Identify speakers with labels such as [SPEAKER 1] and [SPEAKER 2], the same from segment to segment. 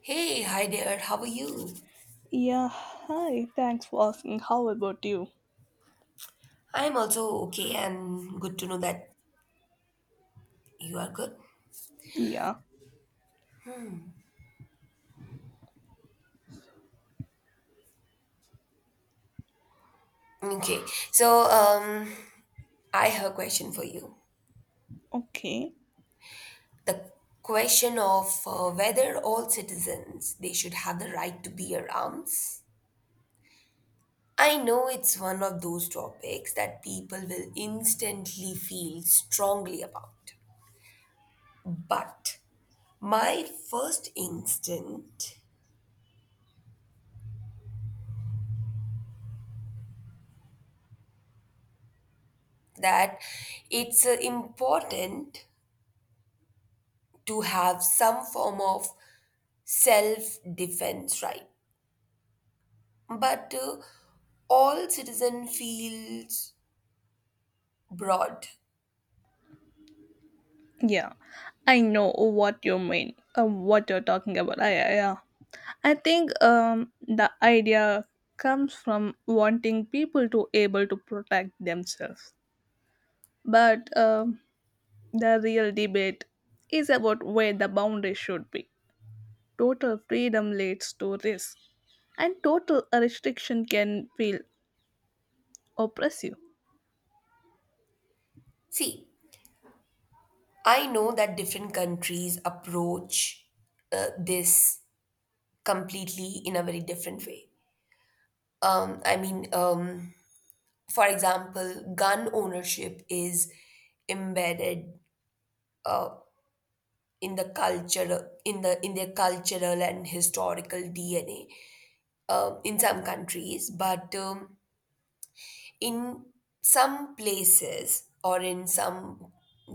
[SPEAKER 1] Hey, hi there, how are you?
[SPEAKER 2] Yeah, hi. Thanks for asking. How about you?
[SPEAKER 1] I'm also okay and good to know that you are good.
[SPEAKER 2] Yeah,
[SPEAKER 1] Okay, so I have a question for you.
[SPEAKER 2] okay.
[SPEAKER 1] The question of whether all citizens they should have the right to bear arms. I know it's one of those topics that people will instantly feel strongly about. But my first instinct that it's important to have some form of self defense right but all citizen feels broad.
[SPEAKER 2] Yeah, I know what you mean, what you're talking about. Yeah. I think the idea comes from wanting people to able to protect themselves. But the real debate is about where the boundary should be. Total freedom leads to risk, and total restriction can feel oppressive.
[SPEAKER 1] See, I know that different countries approach this completely in a very different way. I mean for example, gun ownership is embedded uh, in the culture, in their cultural and historical DNA in some countries, but in some places or in some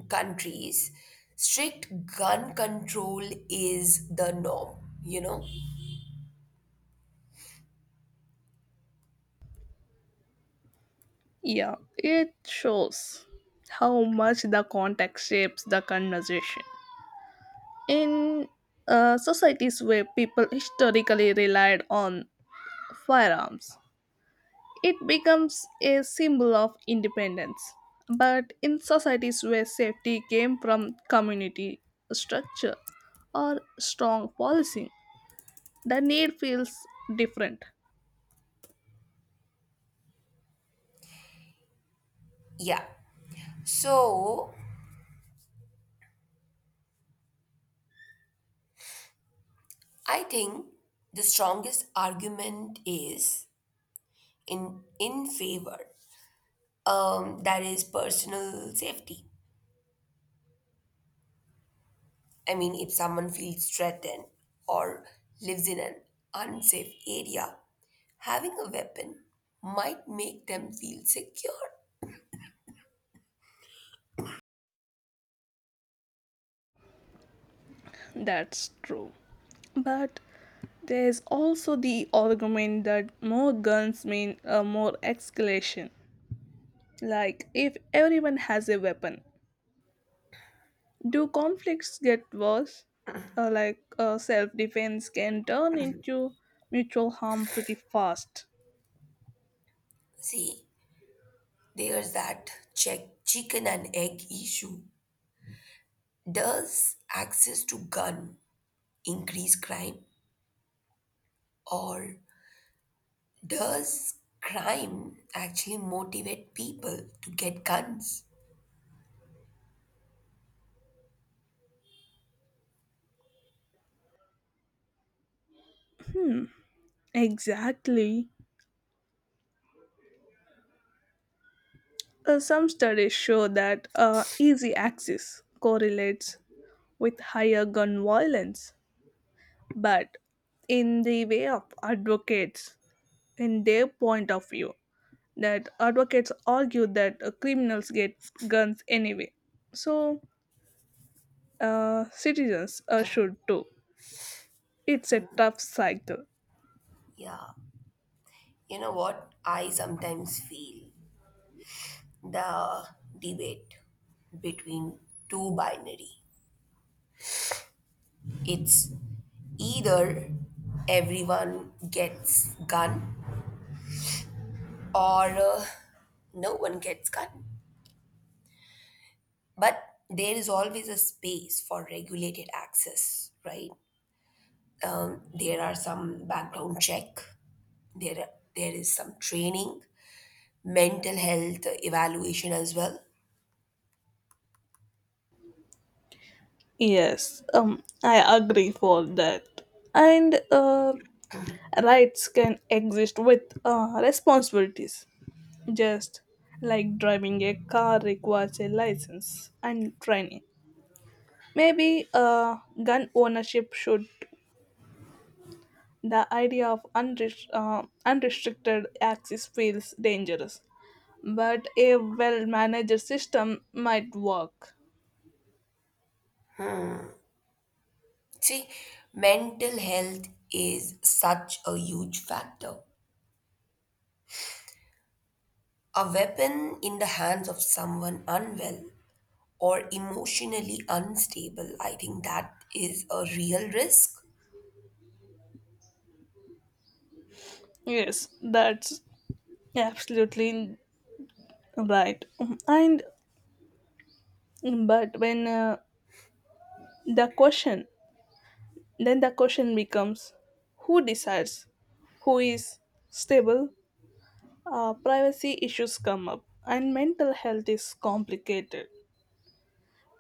[SPEAKER 1] countries, strict gun control is the norm, you know?
[SPEAKER 2] Yeah, it shows how much the context shapes the conversation. In societies where people historically relied on firearms, it becomes a symbol of independence. But in societies where safety came from community structure or strong policy, the need feels different.
[SPEAKER 1] Yeah. So I think the strongest argument is in favor. That is personal safety. I mean, if someone feels threatened or lives in an unsafe area, having a weapon might make them feel secure.
[SPEAKER 2] That's true. But there's also the argument that more guns mean more escalation. Like, if everyone has a weapon, do conflicts get worse? Like, self defense can turn into mutual harm pretty fast.
[SPEAKER 1] See, there's that check chicken and egg issue. Does access to gun increase crime, or does crime actually motivate people to get guns?
[SPEAKER 2] Exactly. Some studies show that easy access correlates with higher gun violence. But in the way of advocates, in their point of view, that advocates argue that criminals get guns anyway. So, citizens should too. It's a tough cycle.
[SPEAKER 1] Yeah. You know what? I sometimes feel the debate between two binary. It's either everyone gets gun or no one gets gun. But there is always a space for regulated access, right? There are some background check. There, there is some training, mental health evaluation as well.
[SPEAKER 2] Yes, I agree for that. And rights can exist with responsibilities, just like driving a car requires a license and training. Maybe gun ownership should. The idea of unrestricted access feels dangerous, but a well managed system might work.
[SPEAKER 1] See, mental health is such a huge factor. A weapon in the hands of someone unwell or emotionally unstable, I think that is a real risk.
[SPEAKER 2] Yes, that's absolutely right. And but when the question then the question becomes who decides who is stable. Uh, privacy issues come up and mental health is complicated.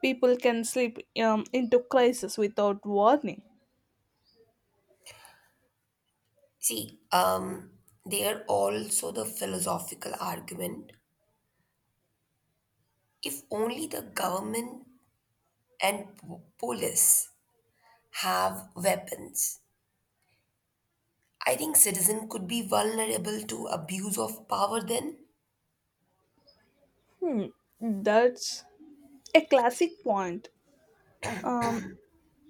[SPEAKER 2] People can slip into crisis without warning.
[SPEAKER 1] See, there also the philosophical argument. If only the government and police have weapons, I think citizen could be vulnerable to abuse of power then.
[SPEAKER 2] Hmm, that's a classic point. Um,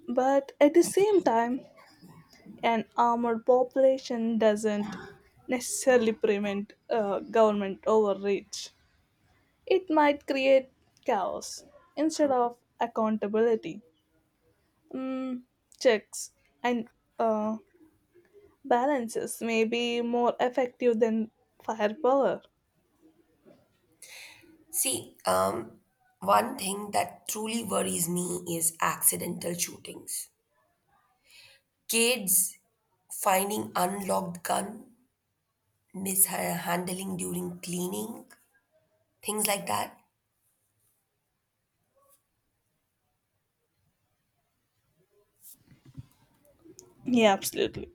[SPEAKER 2] but at the same time, an armored population doesn't necessarily prevent government overreach. It might create chaos instead of accountability. Mm, checks and uh, balances may be more effective than firepower.
[SPEAKER 1] See, one thing that truly worries me is accidental shootings. Kids finding unlocked gun, mishandling during cleaning, things like that.
[SPEAKER 2] Yeah, absolutely.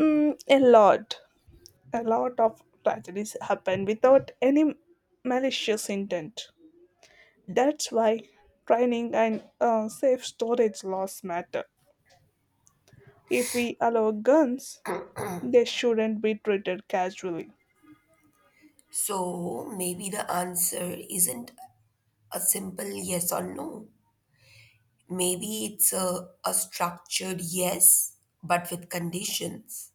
[SPEAKER 2] Mm, a lot. A lot of tragedies happen without any malicious intent. That's why training and safe storage laws matter. If we allow guns, they shouldn't be treated casually.
[SPEAKER 1] So maybe the answer isn't a simple yes or no. Maybe it's a structured yes, but with conditions.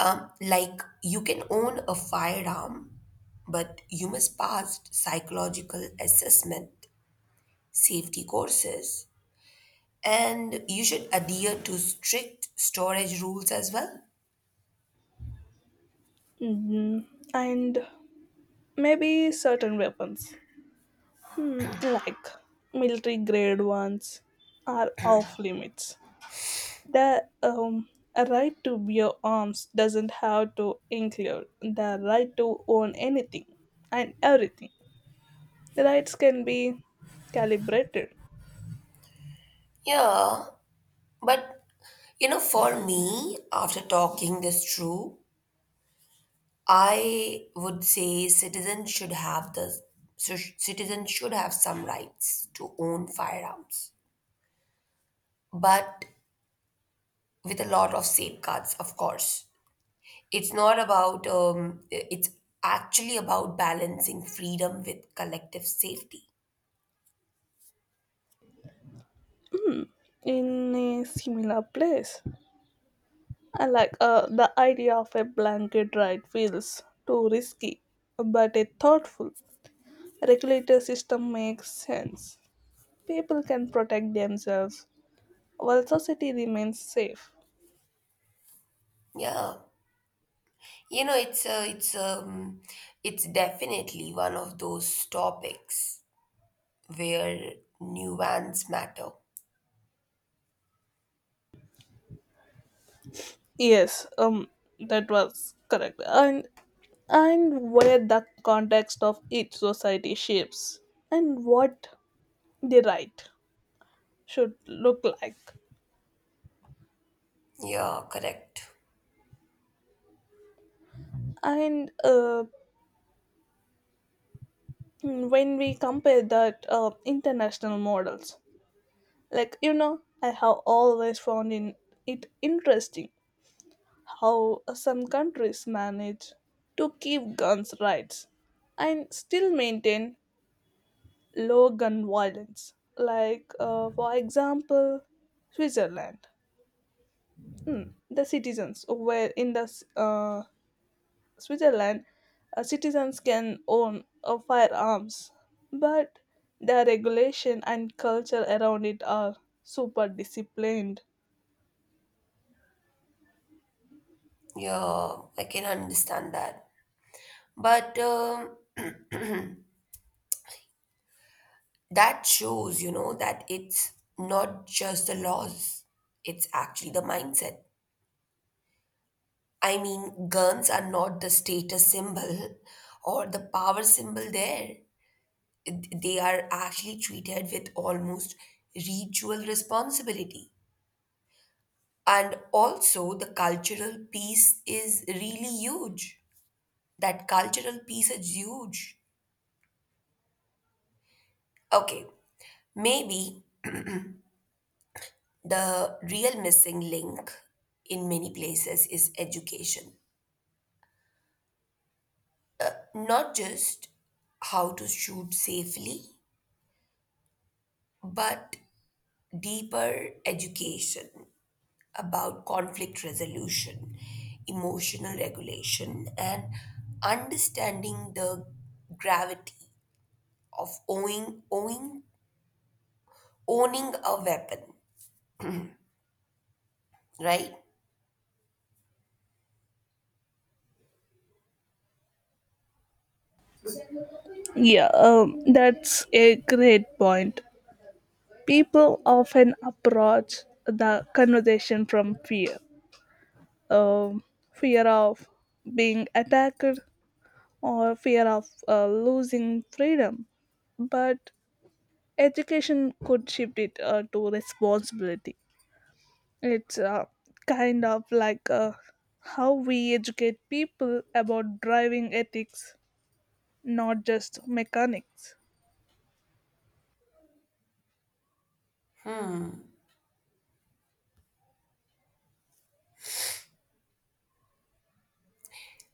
[SPEAKER 1] Like you can own a firearm, but you must pass psychological assessment, safety courses, and you should adhere to strict storage rules as well.
[SPEAKER 2] Mm, and maybe certain weapons, hmm, like military grade ones, are off limits. The right to bear arms doesn't have to include the right to own anything and everything. The rights can be calibrated
[SPEAKER 1] Yeah, but you know, for me, after talking this through, I would say citizens should have some rights to own firearms, but with a lot of safeguards, of course. It's not about it's actually about balancing freedom with collective safety.
[SPEAKER 2] in a similar place. I like the idea of a blanket right feels too risky, but a thoughtful regulator system makes sense. People can protect themselves while society remains safe.
[SPEAKER 1] Yeah, you know it's definitely one of those topics where nuance matter.
[SPEAKER 2] Yes, that was correct. And where the context of each society shapes and what the right should look like.
[SPEAKER 1] Yeah, correct.
[SPEAKER 2] And when we compare that international models, like you know, I have always found in it interesting how some countries manage to keep guns rights and still maintain low gun violence. Like for example, Switzerland. Mm, the citizens where in Switzerland, citizens can own firearms, but the regulation and culture around it are super disciplined.
[SPEAKER 1] Yeah, I can understand that. But that shows, you know, that it's not just the laws, it's actually the mindset. I mean, guns are not the status symbol or the power symbol there. They are actually treated with almost ritual responsibility. And also, the cultural piece is really huge. That cultural piece is huge. Okay, maybe the real missing link in many places is education. Not just how to shoot safely, but deeper education about conflict resolution, emotional regulation, and understanding the gravity of owning a weapon, right?
[SPEAKER 2] Yeah, that's a great point. People often approach the conversation from fear, um, fear of being attacked or fear of losing freedom. But education could shift it to responsibility. It's kind of like how we educate people about driving ethics, not just mechanics.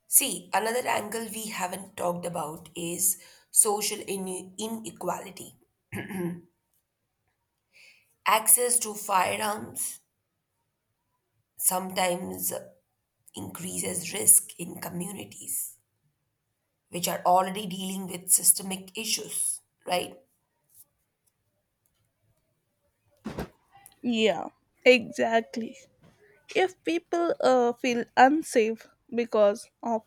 [SPEAKER 1] See, another angle we haven't talked about is social inequality. Access to firearms sometimes increases risk in communities which are already dealing with systemic issues, right?
[SPEAKER 2] Yeah, exactly. If people feel unsafe because of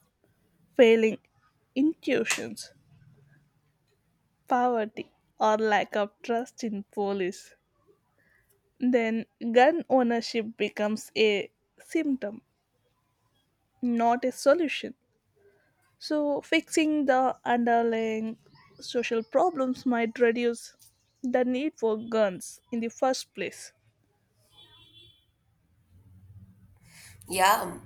[SPEAKER 2] failing intuitions, poverty, or lack of trust in police, then gun ownership becomes a symptom, not a solution. So, fixing the underlying social problems might reduce the need for guns in the first place.
[SPEAKER 1] Yeah,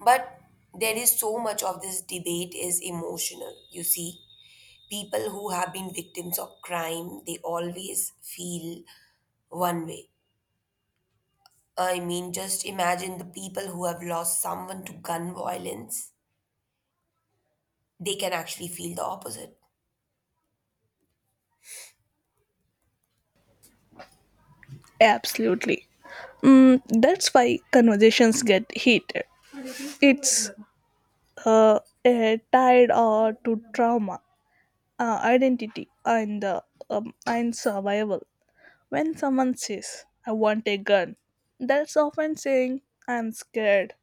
[SPEAKER 1] but there is so much of this debate is emotional, you see. People who have been victims of crime, they always feel one way. I mean, just imagine the people who have lost someone to gun violence, they can actually feel the opposite.
[SPEAKER 2] Absolutely. Mm, that's why conversations get heated. It's uh, a tied or to trauma, identity, and survival. When someone says, "I want a gun," that's often saying, "I'm scared."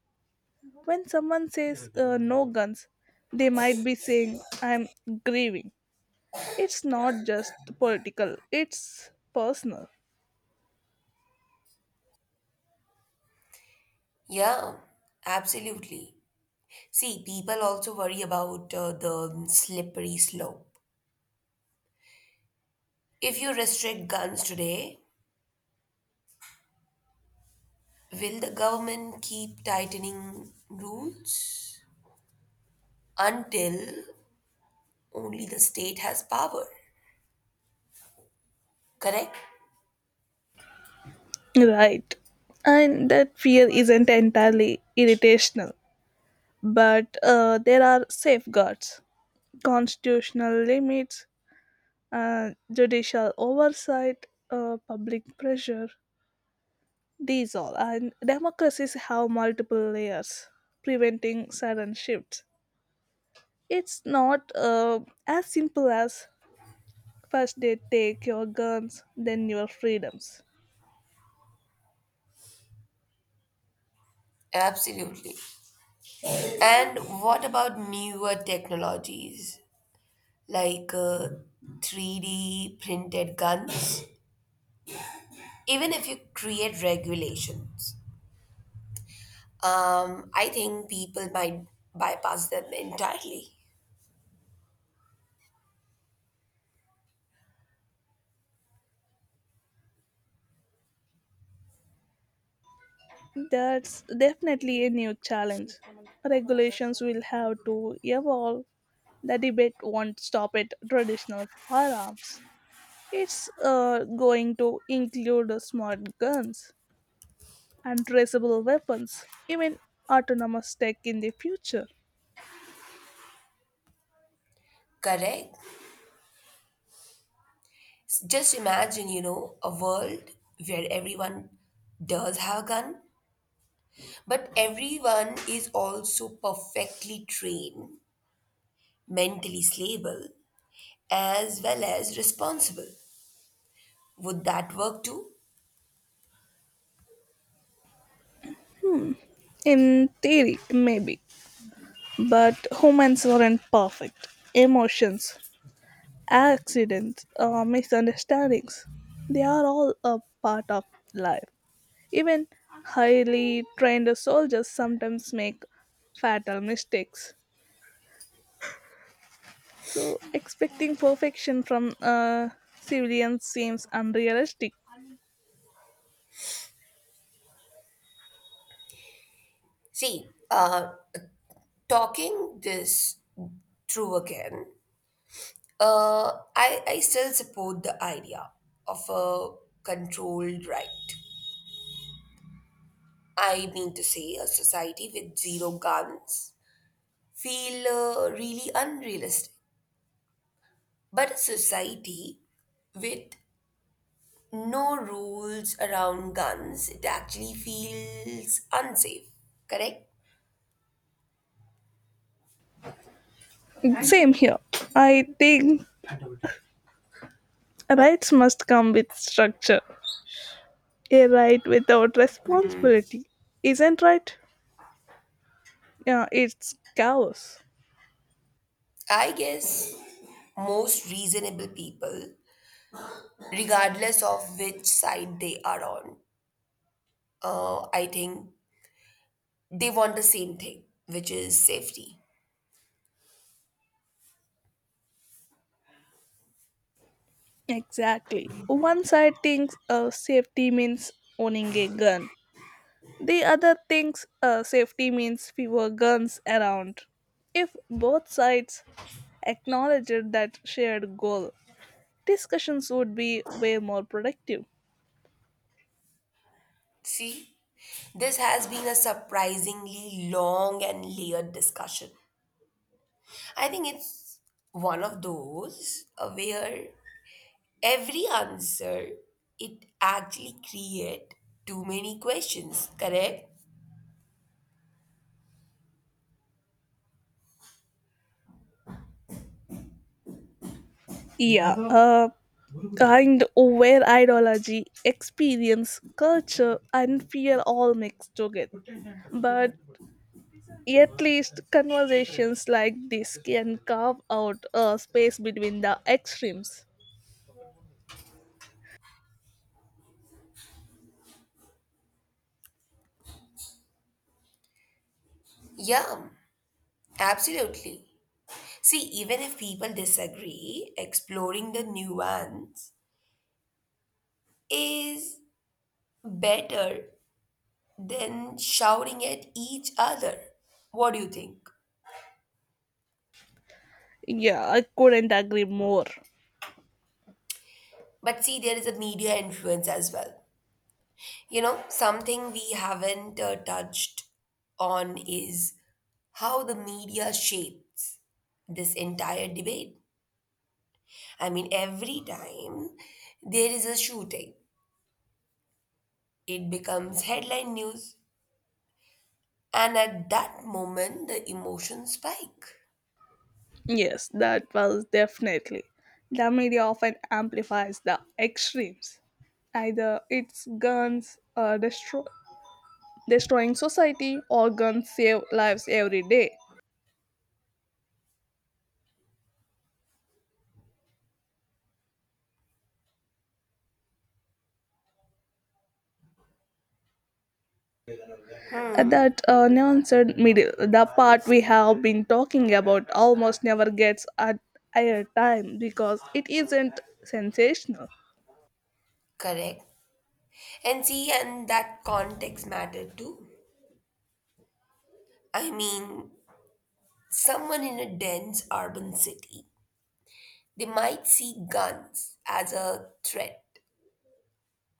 [SPEAKER 2] When someone says no guns, they might be saying, I'm grieving. It's not just political, it's personal.
[SPEAKER 1] Yeah, absolutely. See, people also worry about the slippery slope. If you restrict guns today, will the government keep tightening rules until only the state has power? Correct?
[SPEAKER 2] Right. And that fear isn't entirely irritational, but there are safeguards, constitutional limits, judicial oversight, public pressure. These all. And democracies have multiple layers, preventing sudden shifts. It's not as simple as first they take your guns, then your freedoms.
[SPEAKER 1] Absolutely. And what about newer technologies like 3D printed guns? Even if you create regulations, I think people might bypass them entirely.
[SPEAKER 2] That's definitely a new challenge. Regulations will have to evolve. The debate won't stop at traditional firearms. It's going to include smart guns, untraceable weapons, even autonomous tech in the future.
[SPEAKER 1] Correct. Just imagine, you know, a world where everyone does have a gun, but everyone is also perfectly trained, mentally stable, as well as responsible. Would that work too?
[SPEAKER 2] In theory, maybe. But humans are not perfect. Emotions, accidents, misunderstandings, they are all a part of life. Even highly trained soldiers sometimes make fatal mistakes. So, expecting perfection from civilians seems unrealistic.
[SPEAKER 1] See, talking this through again, I still support the idea of a controlled right. I mean to say, a society with zero guns feel really unrealistic. But a society with no rules around guns, it actually feels unsafe, correct?
[SPEAKER 2] Same here. I think rights must come with structure. A right without responsibility isn't right. Yeah, it's chaos.
[SPEAKER 1] I guess most reasonable people, regardless of which side they are on, I think they want the same thing, which is safety.
[SPEAKER 2] Exactly. One side thinks safety means owning a gun, the other thinks safety means fewer guns around. If both sides acknowledged that shared goal, discussions would be way more productive.
[SPEAKER 1] See, this has been a surprisingly long and layered discussion. I think it's one of those where every answer it actually create too many questions, correct?
[SPEAKER 2] Yeah, a kind where ideology, experience, culture, and fear all mix together. But at least conversations like this can carve out a space between the extremes.
[SPEAKER 1] Yeah, absolutely. See, even if people disagree, exploring the nuance is better than shouting at each other. What do you think?
[SPEAKER 2] Yeah, I couldn't agree more.
[SPEAKER 1] But see, there is a media influence as well. You know, something we haven't touched on is how the media shapes this entire debate. I mean, every time there is a shooting, it becomes headline news. And at that moment, the emotions spike.
[SPEAKER 2] Yes, that was definitely. The media often amplifies the extremes. Either it's guns destroying society or guns save lives every day. That nuanced middle, the part we have been talking about, almost never gets at airtime because it isn't sensational.
[SPEAKER 1] Correct. And see, and that context matter too. I mean, someone in a dense urban city, they might see guns as a threat.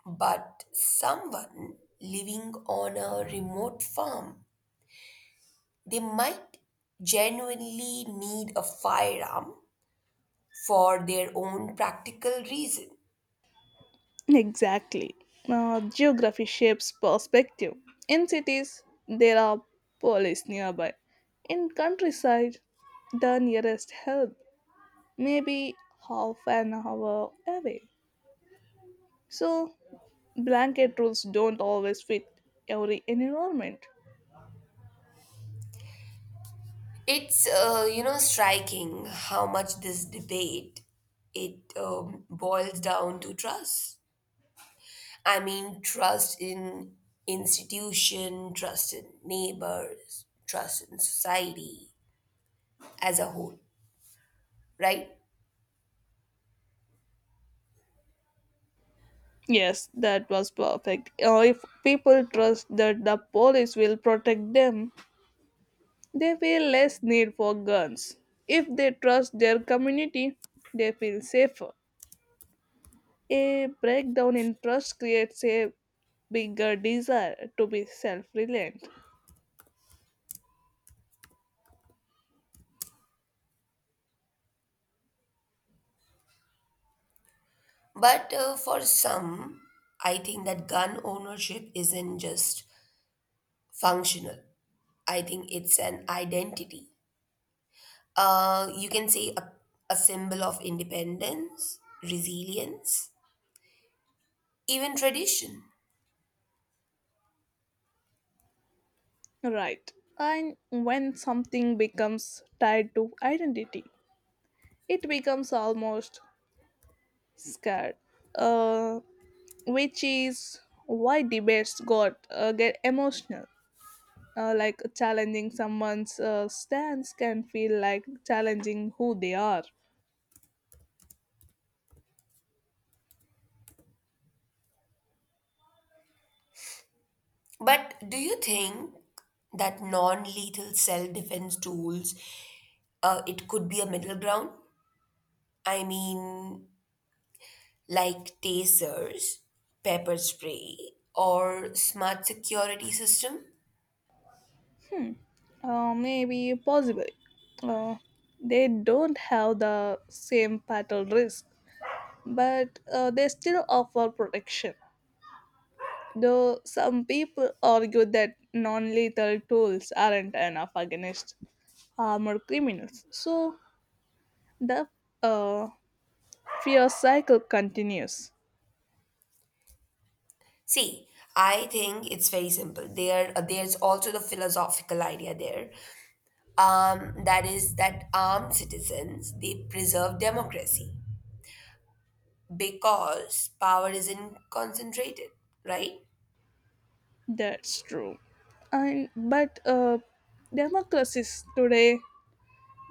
[SPEAKER 1] But someone living on a remote farm, they might genuinely need a firearm for their own practical reason.
[SPEAKER 2] Exactly. Geography shapes perspective. In cities, there are police nearby. In countryside, the nearest help may be half an hour away. So, blanket rules don't always fit every environment.
[SPEAKER 1] It's you know, striking how much this debate it boils down to trust. I mean, trust in institution, trust in neighbors, trust in society as a whole, right?
[SPEAKER 2] Yes, that was perfect. If people trust that the police will protect them, they feel less need for guns. If they trust their community, they feel safer. A breakdown in trust creates a bigger desire to be self reliant.
[SPEAKER 1] But for some, I think that gun ownership isn't just functional. I think it's an identity. You can say a symbol of independence, resilience, even tradition.
[SPEAKER 2] Right. And when something becomes tied to identity, it becomes almost scared. Uh, which is why debates got get emotional. Uh, like challenging someone's stance can feel like challenging who they are.
[SPEAKER 1] But do you think that non-lethal self-defense tools, it could be a middle ground? I mean, like tasers, pepper spray, or smart security system?
[SPEAKER 2] Maybe possible. Uh, they don't have the same fatal risk, but they still offer protection. Though some people argue that non lethal tools aren't enough against armored criminals. So the uh, fear cycle continues.
[SPEAKER 1] See, I think it's very simple. There's also the philosophical idea there, that is that armed citizens they preserve democracy because power isn't concentrated, right?
[SPEAKER 2] That's true. And but democracies today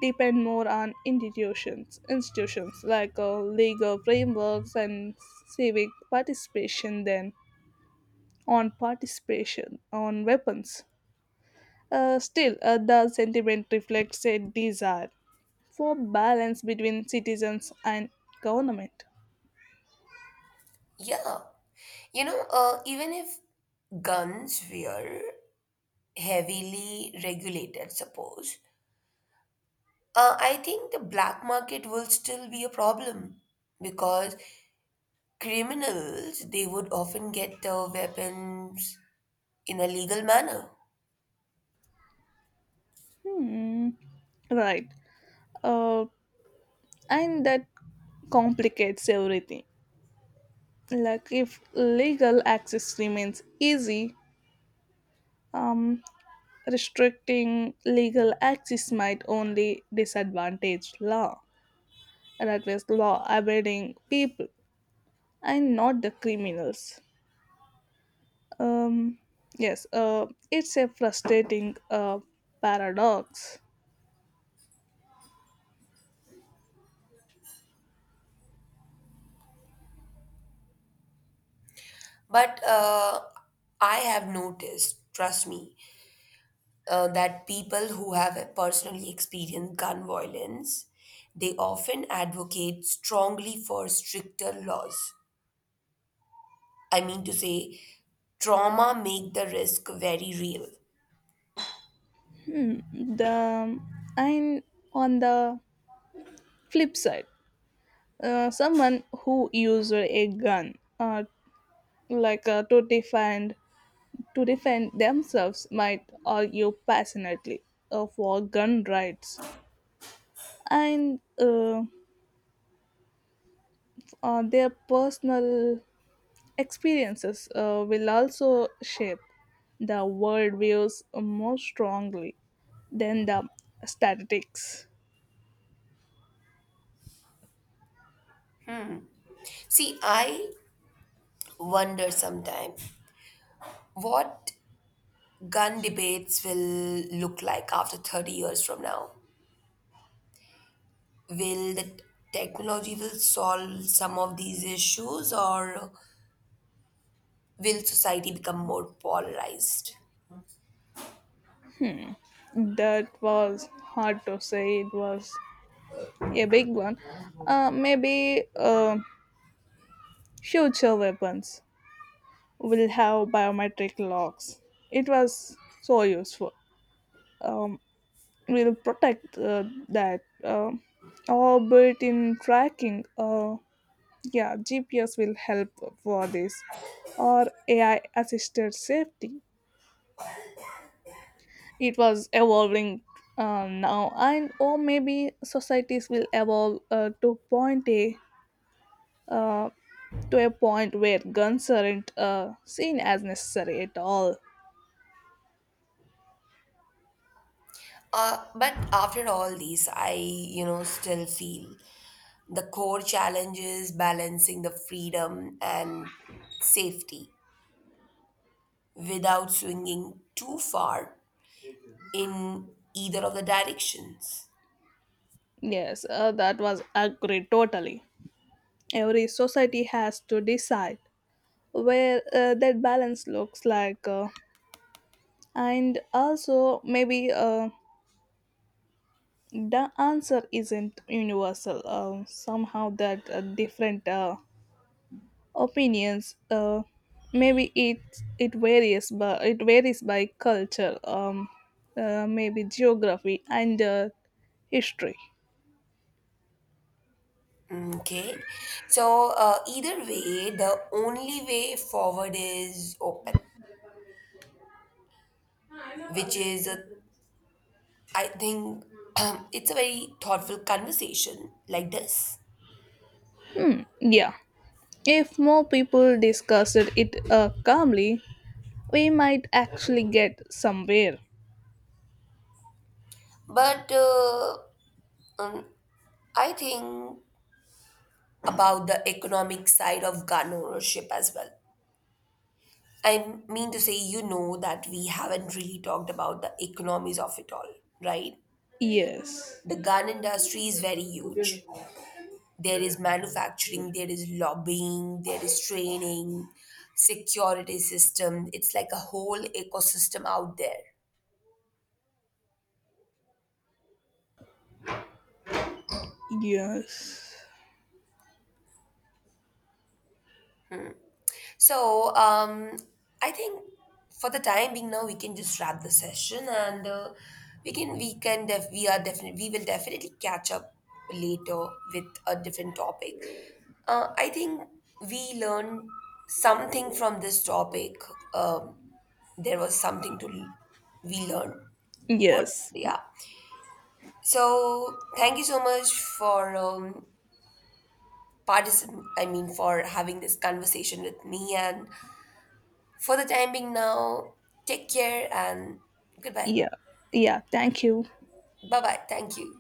[SPEAKER 2] depend more on institutions, institutions like legal frameworks and civic participation than on participation on weapons. Still, the sentiment reflects a desire for balance between citizens and government.
[SPEAKER 1] Yeah, you know, even if guns were heavily regulated, suppose, I think the black market will still be a problem because criminals they would often get the weapons in a legal manner.
[SPEAKER 2] Right. Uh, and that complicates everything. Like if legal access remains easy, um, restricting legal access might only disadvantage law that was law abiding people and not the criminals. Um, yes, it's a frustrating paradox.
[SPEAKER 1] But I have noticed, trust me, that people who have personally experienced gun violence, they often advocate strongly for stricter laws. I mean to say, trauma make the risk very real.
[SPEAKER 2] The and on the flip side, someone who used a gun, like to defend themselves might argue passionately for gun rights, and their personal experiences will also shape the worldviews more strongly than the statistics.
[SPEAKER 1] See, I wonder sometimes what gun debates will look like after 30 years from now. Will the technology will solve some of these issues, or will society become more polarized?
[SPEAKER 2] That was hard to say, it was a big one. Maybe future weapons will have biometric locks. It was so useful. Um, will protect that orbit in tracking, yeah, GPS will help for this, or AI assisted safety. It was evolving now. And or maybe societies will evolve uh, to a point where guns aren't seen as necessary at all.
[SPEAKER 1] But after all these, I, you know, still feel the core challenge is balancing the freedom and safety without swinging too far in either of the directions.
[SPEAKER 2] Yes, that was agreed totally. Every society has to decide where that balance looks like, and also maybe the answer isn't universal, somehow that different opinions maybe it varies by culture. Um, maybe geography and history.
[SPEAKER 1] Okay, so either way, the only way forward is open, which is a I think it's a very thoughtful conversation like this.
[SPEAKER 2] Yeah, if more people discussed it calmly, we might actually get somewhere.
[SPEAKER 1] But um, I think about the economic side of gun ownership as well. I mean to say, you know, that we haven't really talked about the economies of it all, right?
[SPEAKER 2] Yes.
[SPEAKER 1] The gun industry is very huge. There is manufacturing, there is lobbying, there is training, security system. It's like a whole ecosystem out there.
[SPEAKER 2] Yes.
[SPEAKER 1] So, I think for the time being now, we can just wrap the session, and we can def- we are definitely we will definitely catch up later with a different topic. I think we learned something from this topic. Um, there was something we learned. What?
[SPEAKER 2] Yes.
[SPEAKER 1] Yeah. So thank you so much for I mean, for having this conversation with me, and for the time being now, take care and goodbye.
[SPEAKER 2] Yeah. Yeah. Thank you.
[SPEAKER 1] Bye bye. Thank you.